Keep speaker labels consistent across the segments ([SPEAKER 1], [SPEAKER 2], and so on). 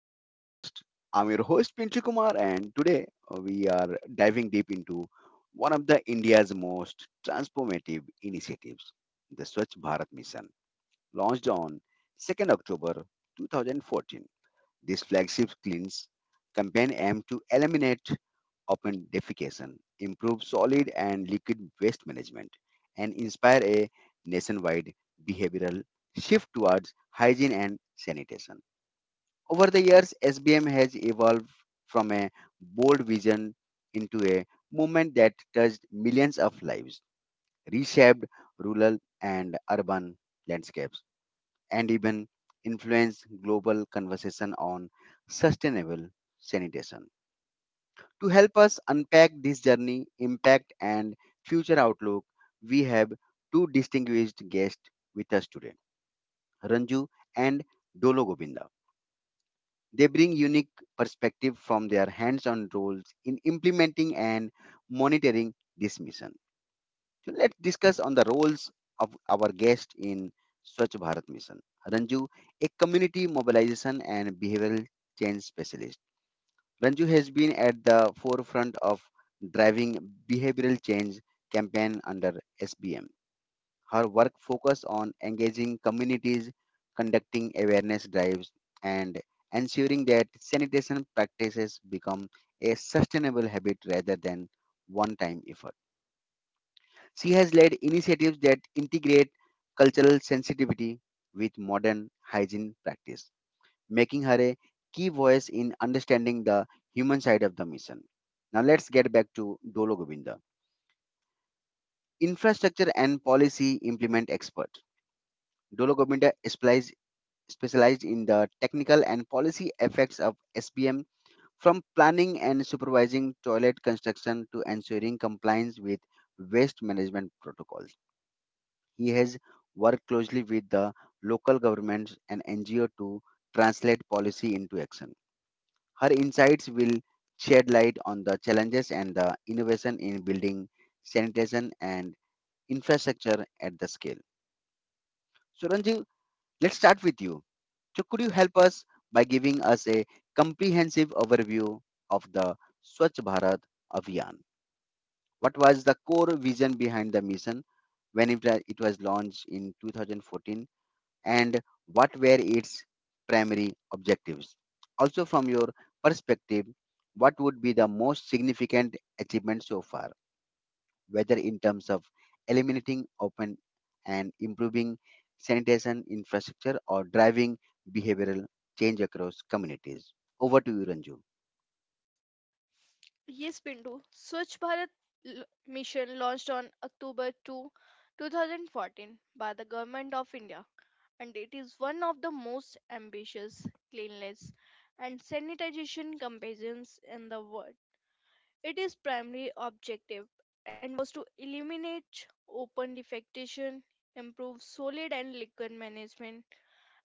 [SPEAKER 1] our podcast. I'm your host Pinchu Kumar, and today we are diving deep into one of the India's most transformative initiatives, the Swachh Bharat Mission, launched on 2nd October 2014. This flagship cleans campaign aimed to eliminate open defecation, improve solid and liquid waste management, and inspire a nationwide behavioral shift towards hygiene and sanitation. Over the years, SBM has evolved from a bold vision into a movement that touched millions of lives, reshaped rural and urban landscapes, and even influenced global conversation on sustainable sanitation. To help us unpack this journey, impact, and future outlook, we have two distinguished guests with us today, Ranju and Dolo Govinda. Bring unique perspective from their hands-on roles in implementing and monitoring this mission. So let's discuss on the roles our guest in Swachh Bharat Mission. Ranju, a community mobilization and behavioral change specialist. Ranju has been at the forefront of driving behavioral change campaign under SBM. Her work focuses on engaging communities, conducting awareness drives, and ensuring that sanitation practices become a sustainable habit rather than one time effort. She has led initiatives that integrate cultural sensitivity with modern hygiene practice, making her a key voice in understanding the human side of the mission. Now let's get back to Dolo Govinda. Infrastructure and policy implement expert. Dolo Govinda applies specialized in the technical and policy effects of SBM, from planning and supervising toilet construction to ensuring compliance with waste management protocols. He has worked closely with the local governments and NGO to translate policy into action. Her insights will shed light on the challenges and the innovation in building sanitation and infrastructure at the scale. Suranji, let's start with you. So, could you help us by giving us a comprehensive overview of the Swachh Bharat Abhiyan? What was the core vision behind the mission when it was launched in 2014 and what were its primary objectives? Also, from your perspective, what would be the most significant achievement so far? Whether in terms of eliminating open and improving sanitation infrastructure or driving behavioral change across communities. Over to you, Ranju.
[SPEAKER 2] Yes, Bindu. Swachh Bharat mission launched on October 2nd, 2014 by the Government of India, and it is one of the most ambitious cleanliness and sanitation campaigns in the world. It is primary objective and was to eliminate open defecation, improve solid and liquid management,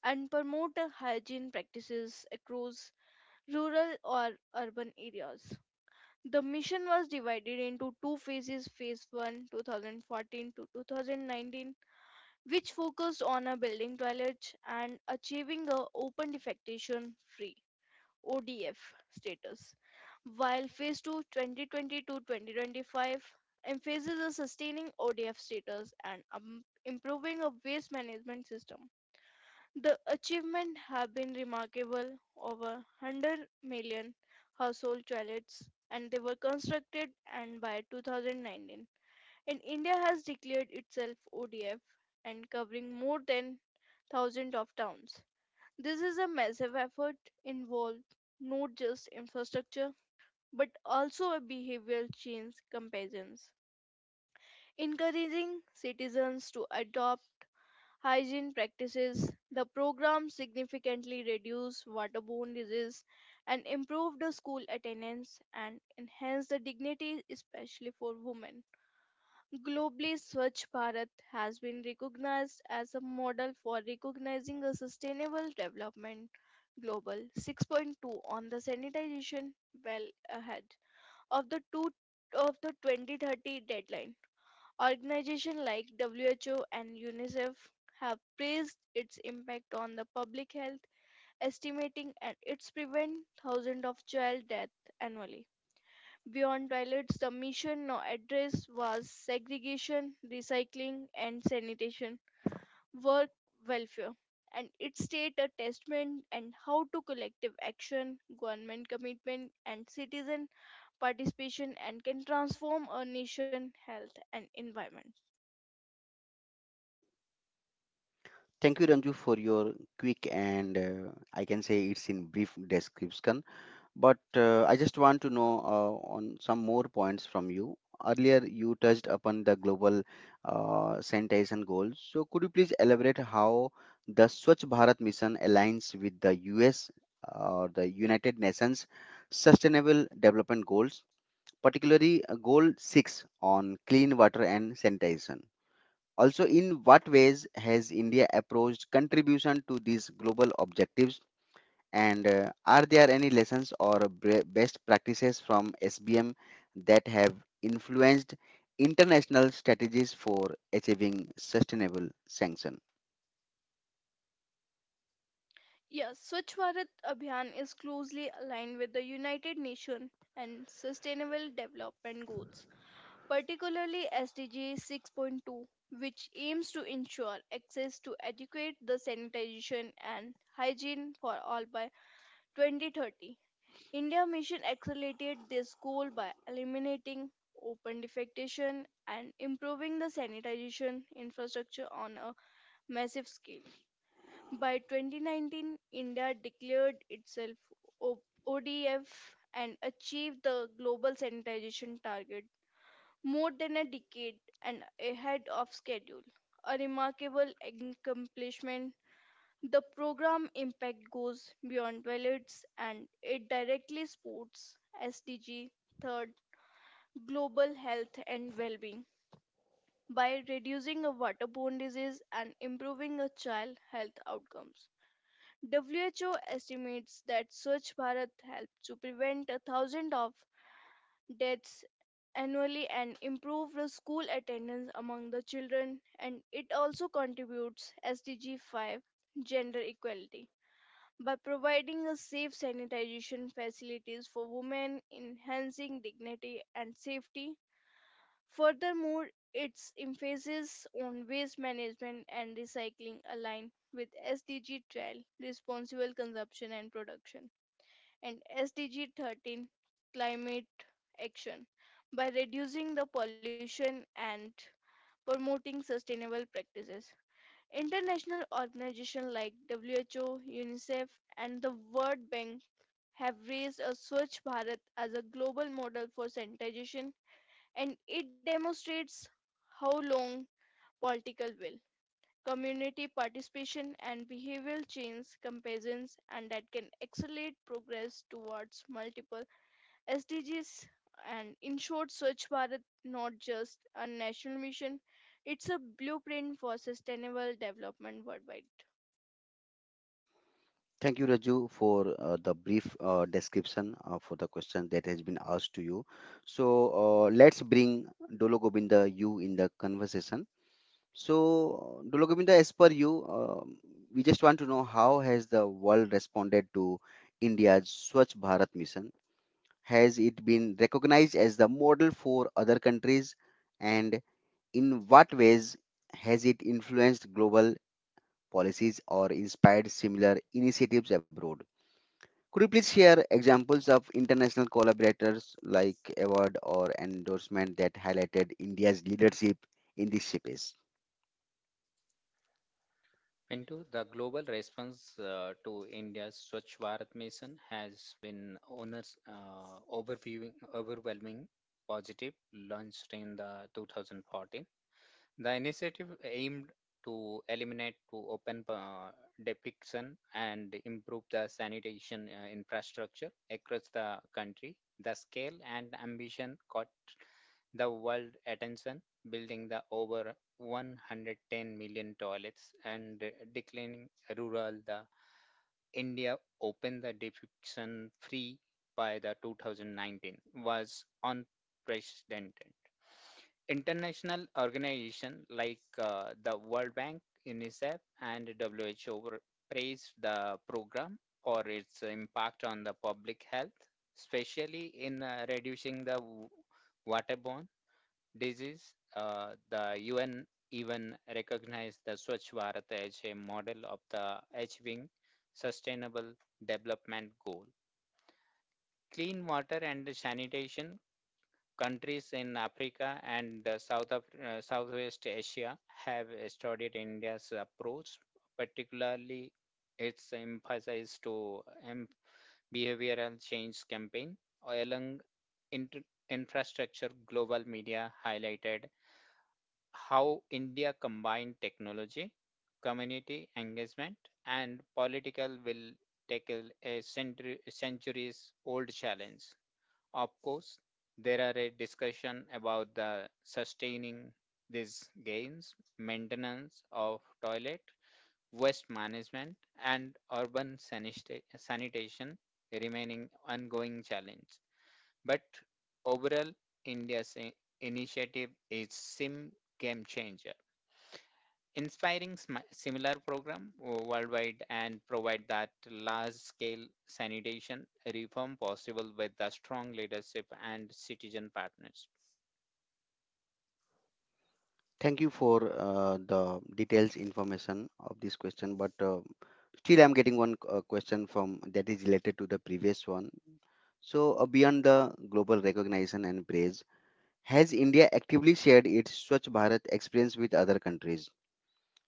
[SPEAKER 2] and promote a hygiene practices across rural or urban areas. The mission was divided into two phases: phase 1, 2014 to 2019, which focused on a building toilets and achieving a open defecation free, ODF, status, while phase 2, 2020 to 2025, emphasizes a sustaining ODF status and improving a waste management system. The achievement have been remarkable. Over 100 million household toilets and they were constructed, and by 2019, and India has declared itself ODF and covering more than thousands of towns. This is a massive effort involved not just infrastructure but also a behavioral change comparisons, encouraging citizens to adopt hygiene practices. The program significantly reduced waterborne disease and improved the school attendance and enhanced the dignity, especially for women. Globally, Swachh Bharat has been recognized as a model for recognizing a sustainable development. Global 6.2 on the sanitization well ahead of the two of the 2030 deadline. Organizations like WHO and UNICEF have praised its impact on the public health, estimating and it's prevent thousands of child deaths annually. Beyond toilets, the mission now address was segregation, recycling, and sanitation, work welfare, and it state a testament and how to collective action, government commitment, and citizen participation and can transform a nation health and environment.
[SPEAKER 1] Thank you, Ranju, for your quick and I can say it's in brief description. But I just want to know on some more points from you. Earlier, you touched upon the global sanitation goals. So, could you please elaborate how the Swachh Bharat mission aligns with the US or the United Nations Sustainable Development Goals, particularly Goal 6 on clean water and sanitation? Also, in what ways has India approached contribution to these global objectives? And are there any lessons or best practices from SBM that have influenced international strategies for achieving sustainable sanction?
[SPEAKER 2] Yes, Swachh Bharat Abhiyan is closely aligned with the United Nations and Sustainable Development Goals, particularly SDG 6.2, which aims to ensure access to adequate the sanitation and hygiene for all by 2030. India Mission accelerated this goal by eliminating open defecation and improving the sanitation infrastructure on a massive scale. By 2019, India declared itself O- ODF and achieved the global sanitization target more than a decade and ahead of schedule. A remarkable accomplishment, the program impact goes beyond toilets, and it directly supports SDG 3rd, global health and well-being, by reducing a waterborne disease and improving a child health outcomes. WHO estimates that Swachh Bharat helped to prevent a thousand of deaths annually and improve the school attendance among the children, and it also contributes SDG 5, gender equality, by providing a safe sanitization facilities for women, enhancing dignity and safety. Furthermore, its emphasis on waste management and recycling align with SDG 12, responsible consumption and production, and SDG 13, climate action, by reducing the pollution and promoting sustainable practices. International organizations like WHO, UNICEF, and the World Bank have raised a Swachh Bharat as a global model for sanitation, and it demonstrates how long political will, community participation, and behavioral change comparisons, and that can accelerate progress towards multiple SDGs. And in short, Swachh Bharat not just a national mission, it's a blueprint for sustainable development worldwide.
[SPEAKER 1] Thank you, Raju, for the brief description for the question that has been asked to you. So let's bring Dolo Govinda you in the conversation. So Dolo Govinda, as per you, we just want to know how has the world responded to India's Swachh Bharat mission. Has it been recognized as the model for other countries? And in what ways has it influenced global policies or inspired similar initiatives abroad? Could you please share examples of international collaborators like award or endorsement that highlighted India's leadership in this space?
[SPEAKER 3] Into the global response to India's Swachh Bharat mission has been overwhelming positive, launched in the 2014. The initiative aimed to eliminate to open defecation and improve the sanitation infrastructure across the country. The scale and ambition caught the world attention, building the over 110 million toilets and declining rural the India opened the defection free by the 2019 was unprecedented. International organizations like the World Bank, UNICEF, and WHO praised the program for its impact on the public health, especially in reducing the waterborne disease. The UN even recognized the Swachh Bharat as a model of the achieving sustainable development goal. Clean water and sanitation countries in Africa and Southwest Asia have studied India's approach, particularly its emphasis to em- behavioral change campaign along inter- infrastructure. Global media highlighted how India combined technology, community engagement, and political will tackle a centuries old challenge. Of course, there are a discussion about the sustaining these gains, maintenance of toilet, waste management, and urban sanitation remaining ongoing challenge. But overall, India's initiative is SIM game changer, inspiring similar program worldwide and provide that large scale sanitation reform possible with the strong leadership and citizen partners.
[SPEAKER 1] Thank you for the details information of this question, but still I'm getting one question from that is related to the previous one. So beyond the global recognition and praise, has India actively shared its Swachh Bharat experience with other countries?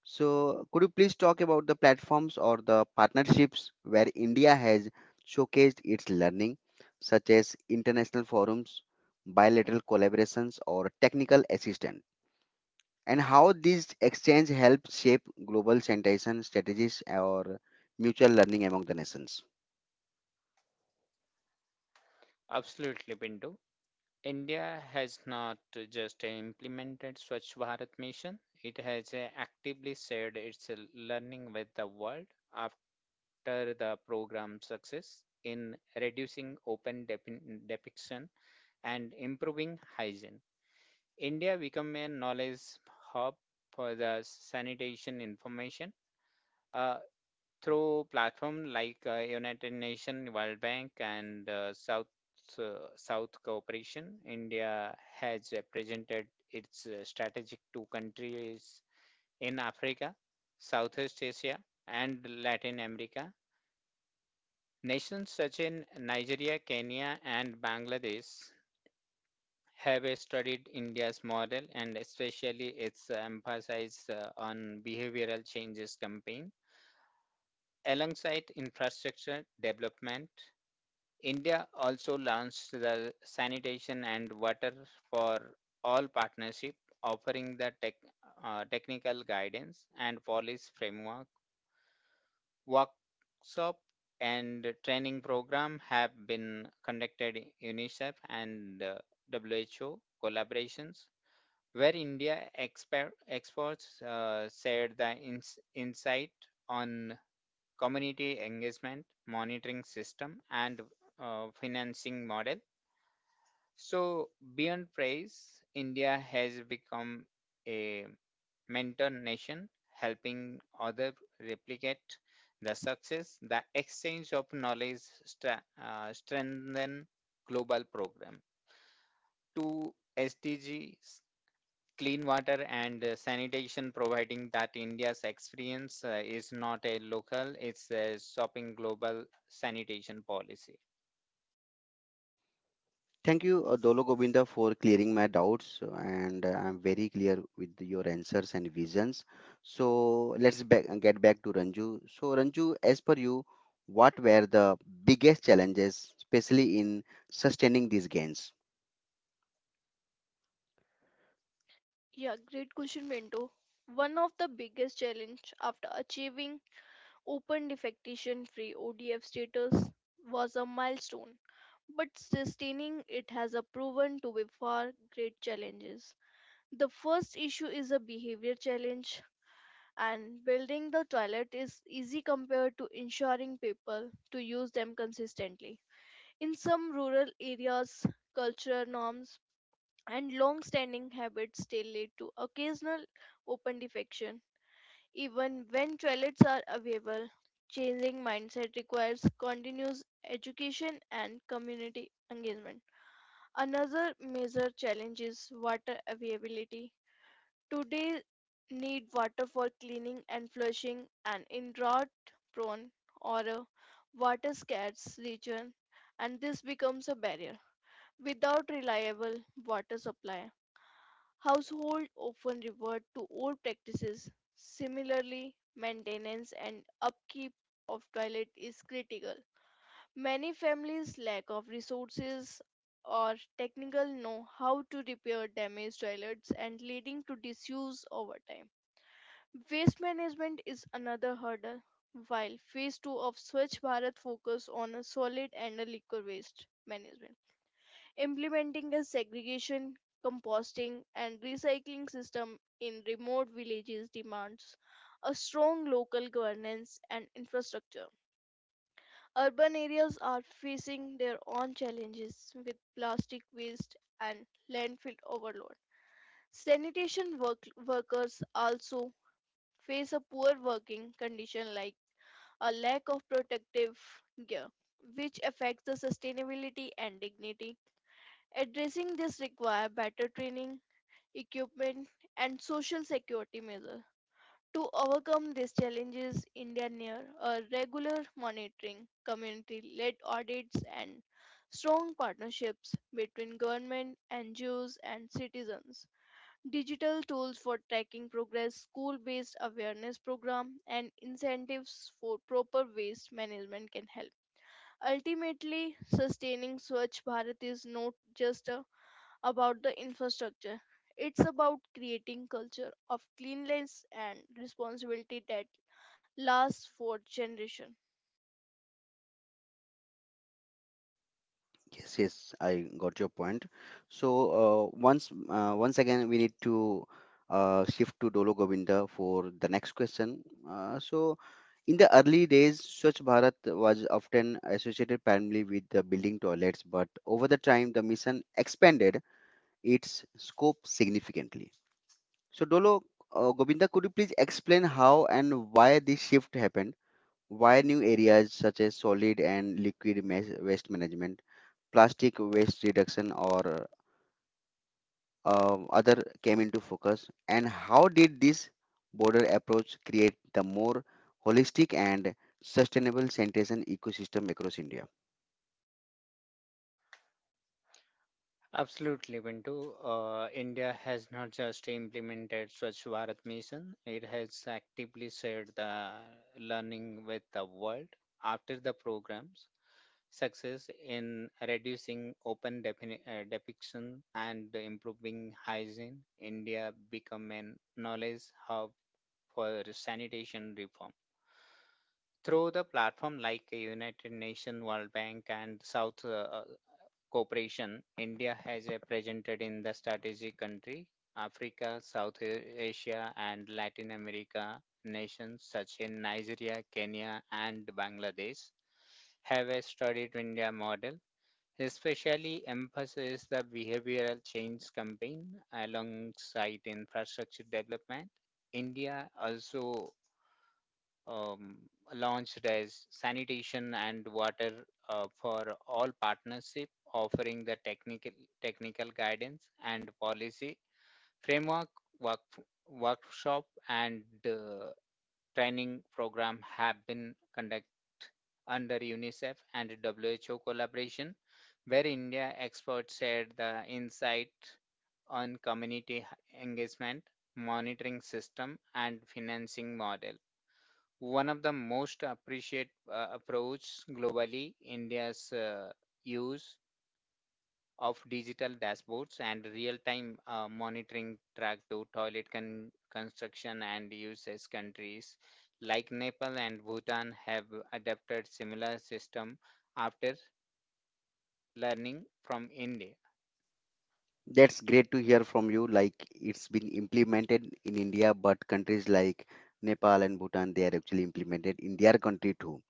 [SPEAKER 1] So could you please talk about the platforms or the partnerships where India has showcased its learning, such as international forums, bilateral collaborations, or technical assistance? And how this exchange helps shape global sanitation strategies or mutual learning among the nations.
[SPEAKER 3] Absolutely, Bindu. India has not just implemented swachh bharat mission, it has actively shared its learning with the world after the program's success in reducing open depiction and improving hygiene. India become a knowledge hub for the sanitation information uh, through platform like United Nations, World Bank, and South Cooperation. India has presented its strategic two countries in Africa, Southeast Asia, and Latin America. Nations such in Nigeria, Kenya, and Bangladesh have studied India's model and especially its emphasis on behavioral changes campaign. Alongside infrastructure development, India also launched the Sanitation and Water for All partnership, offering the technical guidance and policy framework. Workshop and training program have been conducted in UNICEF and WHO collaborations where India experts shared the insight on community engagement, monitoring system, and financing model. So, beyond praise, India has become a mentor nation, helping others replicate the success. The exchange of knowledge strengthen global program. Two SDGs: clean water and sanitation, providing that india's experience is not a local, it's a shopping global sanitation policy.
[SPEAKER 1] Thank you, Dolo Govinda, for clearing my doubts, and I'm very clear with your answers and visions. So get back to Ranju. So, Ranju, as per you, what were the biggest challenges, especially in sustaining these gains?
[SPEAKER 2] Yeah, great question, Bento. One of the biggest challenge after achieving open defecation free ODF status was a milestone, but sustaining it has a proven to be far great challenges. The first issue is a behavior challenge, and building the toilet is easy compared to ensuring people to use them consistently. In some rural areas, cultural norms and long standing habits still lead to occasional open defecation even when toilets are available. Changing mindset requires continuous education and community engagement. Another major challenge is water availability. Today need water for cleaning and flushing, and in drought prone or a water scarce region, and this becomes a barrier. Without reliable water supply, households often revert to old practices. Similarly, maintenance and upkeep of toilet is critical. Many families lack of resources or technical know how to repair damaged toilets and leading to disuse over time. Waste management is another hurdle, while phase 2 of Swachh Bharat focus on a solid and a liquid waste management. Implementing a segregation, composting and recycling system in remote villages demands a strong local governance and infrastructure. Urban areas are facing their own challenges with plastic waste and landfill overload. Sanitation workers also face a poor working condition like a lack of protective gear, which affects the sustainability and dignity. Addressing this requires better training, equipment, and social security measures. To overcome these challenges, India near a regular monitoring, community-led audits, and strong partnerships between government, NGOs, and citizens, digital tools for tracking progress, school based awareness program, and incentives for proper waste management can help. Ultimately, sustaining Swachh Bharat is not just about the infrastructure. It's about creating culture of cleanliness and responsibility that lasts for generations.
[SPEAKER 1] Yes, yes, I got your point. So once again, we need to shift to Dolo Govinda for the next question. So in the early days, Swachh Bharat was often associated primarily with the building toilets, but over the time, the mission expanded its scope significantly. So Dolo Govinda, could you please explain how and why this shift happened? Why new areas such as solid and liquid waste management? Plastic waste reduction or other came into focus, and how did this border approach create the more holistic and sustainable sanitation ecosystem across india?
[SPEAKER 3] Absolutely, Bintu. India has not just implemented swachh bharat mission, it has actively shared the learning with the world after the programs success in reducing open defecation and improving hygiene. India become a knowledge hub for sanitation reform through the platform like a United Nations, World Bank, and South Cooperation. India has a presented in the strategic country, Africa, South Asia, and Latin America. Nations such as Nigeria, Kenya, and Bangladesh have a studied India model, especially emphasizes the behavioral change campaign alongside infrastructure development. India also um, launched as sanitation and water for all partnership, offering the technical guidance and policy framework. Work, Workshop and training program have been conducted under UNICEF and WHO collaboration, where India experts shared the insight on community engagement, monitoring system, and financing model. One of the most appreciated approach globally, india's use of digital dashboards and real-time monitoring track to toilet construction and usage. Countries like nepal and bhutan have adapted similar system after learning from india.
[SPEAKER 1] That's great to hear from you. Like it's been implemented in India, but countries like Nepal and Bhutan, they are actually implemented in their country too.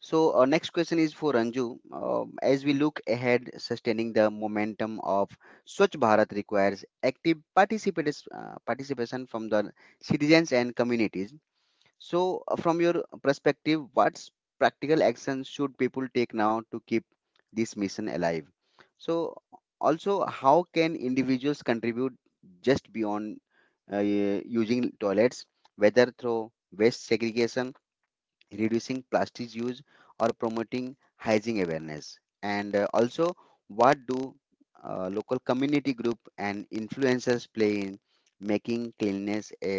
[SPEAKER 1] So, our next question is for Anju. As we look ahead, sustaining the momentum of Swachh Bharat requires active participation from the citizens and communities. So, from your perspective, what's practical actions should people take now to keep this mission alive? So, also, how can individuals contribute just beyond using toilets, whether through waste segregation, reducing plastic use or promoting hygiene awareness, and also what do local community group and influencers play in making cleanliness a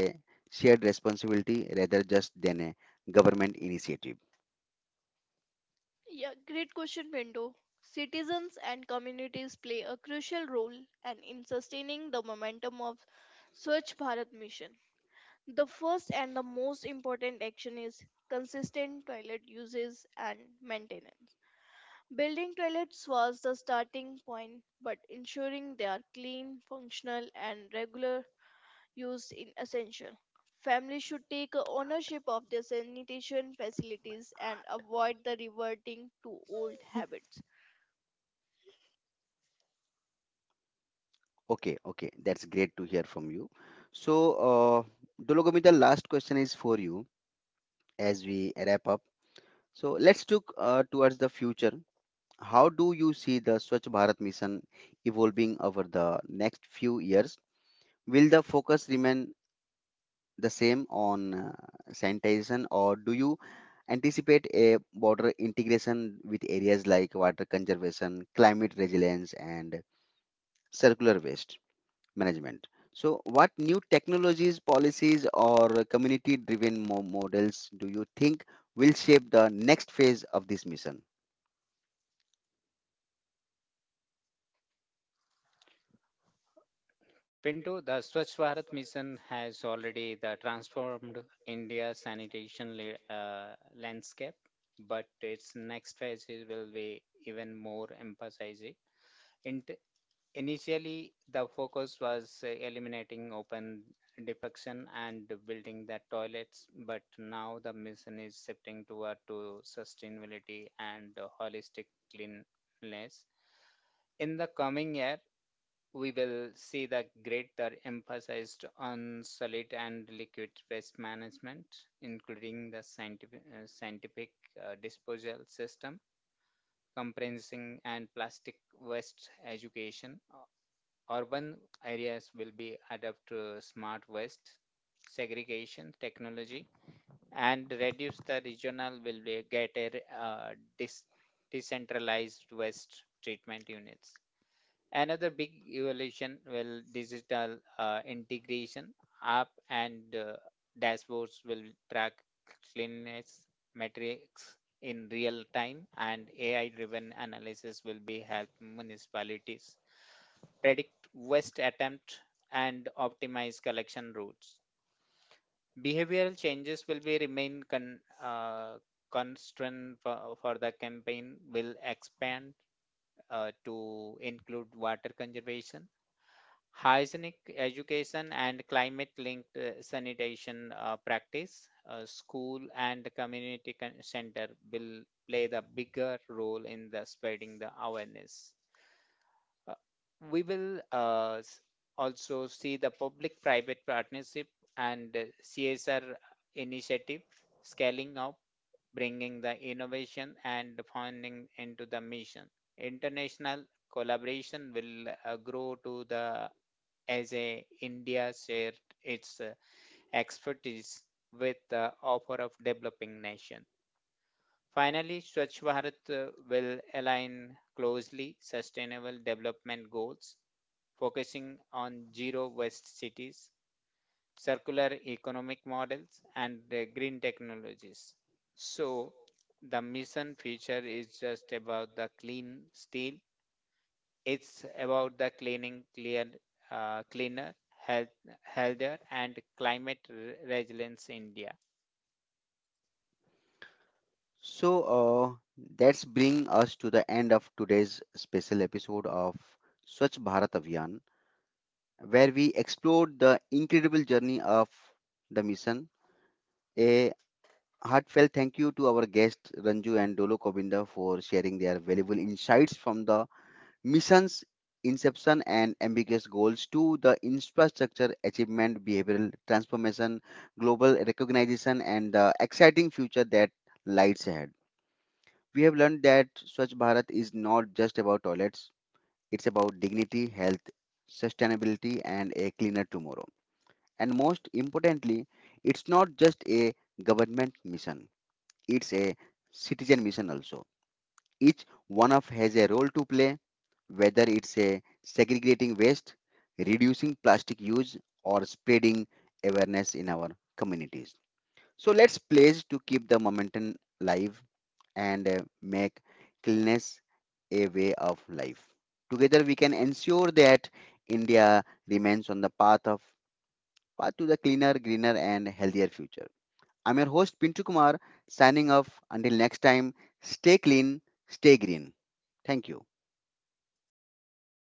[SPEAKER 1] shared responsibility rather just than a government initiative?
[SPEAKER 2] Yeah, great question, Bendo. Citizens and communities play a crucial role and in sustaining the momentum of Swachh Bharat mission. The first and the most important action is consistent toilet uses and maintenance. Building toilets was the starting point, but ensuring they are clean, functional, and regular use is essential. Families should take ownership of their sanitation facilities and avoid the reverting to old habits.
[SPEAKER 1] Okay, okay, that's great to hear from you. So Dologomita, the last question is for you. As we wrap up, so let's look towards the future. How do you see the Swachh Bharat mission evolving over the next few years? Will the focus remain the same on sanitation, or do you anticipate a border integration with areas like water conservation, climate resilience, and circular waste management? So, what new technologies, policies, or community driven models do you think will shape the next phase of this mission?
[SPEAKER 3] Pinto, the Swachh Bharat mission has already the transformed India's sanitation landscape, but its next phase will be even more emphasizing. In Initially, the focus was eliminating open defecation and building the toilets, but now the mission is shifting toward to sustainability and holistic cleanliness. In the coming year, we will see the greater emphasis on solid and liquid waste management, including the scientific disposal system, compressing and plastic waste education. Urban areas will be adapt to smart waste segregation technology and reduce the regional will be get a uh, dis- decentralized waste treatment units. Another big evolution will digital integration. App and dashboards will track cleanliness metrics in real time, and AI-driven analysis will be help municipalities predict waste attempt and optimize collection routes. Behavioral changes will be remain constant for the campaign will expand to include water conservation, hygienic education and climate linked sanitation practice. School and community center will play the bigger role in the spreading the awareness. Uh, we will also see the public private partnership and CSR initiative scaling out, bringing the innovation and funding into the mission. International collaboration will grow to the as a India share its expertise with the offer of developing nation. Finally, Swachh Bharat will align closely sustainable development goals, focusing on zero waste cities, circular economic models, and green technologies. So, the mission feature is just about the clean steel. It's about the cleaning cleaner, health, healthier, and climate resilience India.
[SPEAKER 1] So that's bring us to the end of today's special episode of Swachh Bharat Abhiyan, where we explored the incredible journey of the mission. A heartfelt thank you to our guests Ranju and Dolo Kobinda for sharing their valuable insights from the mission's inception and ambiguous goals to the infrastructure achievement, behavioral transformation, global recognition, and the exciting future that lies ahead. We have learned that Swachh Bharat is not just about toilets, it's about dignity, health, sustainability, and a cleaner tomorrow. And most importantly, it's not just a government mission, it's a citizen mission also. Each one of has a role to play, whether it's a segregating waste, reducing plastic use, or spreading awareness in our communities. So it's pledged to keep the momentum live and make cleanliness a way of life. Together, we can ensure that India remains on the path to the cleaner, greener, and healthier future. I'm your host Pintu Kumar, signing off. Until next time, stay clean, stay green. Thank you.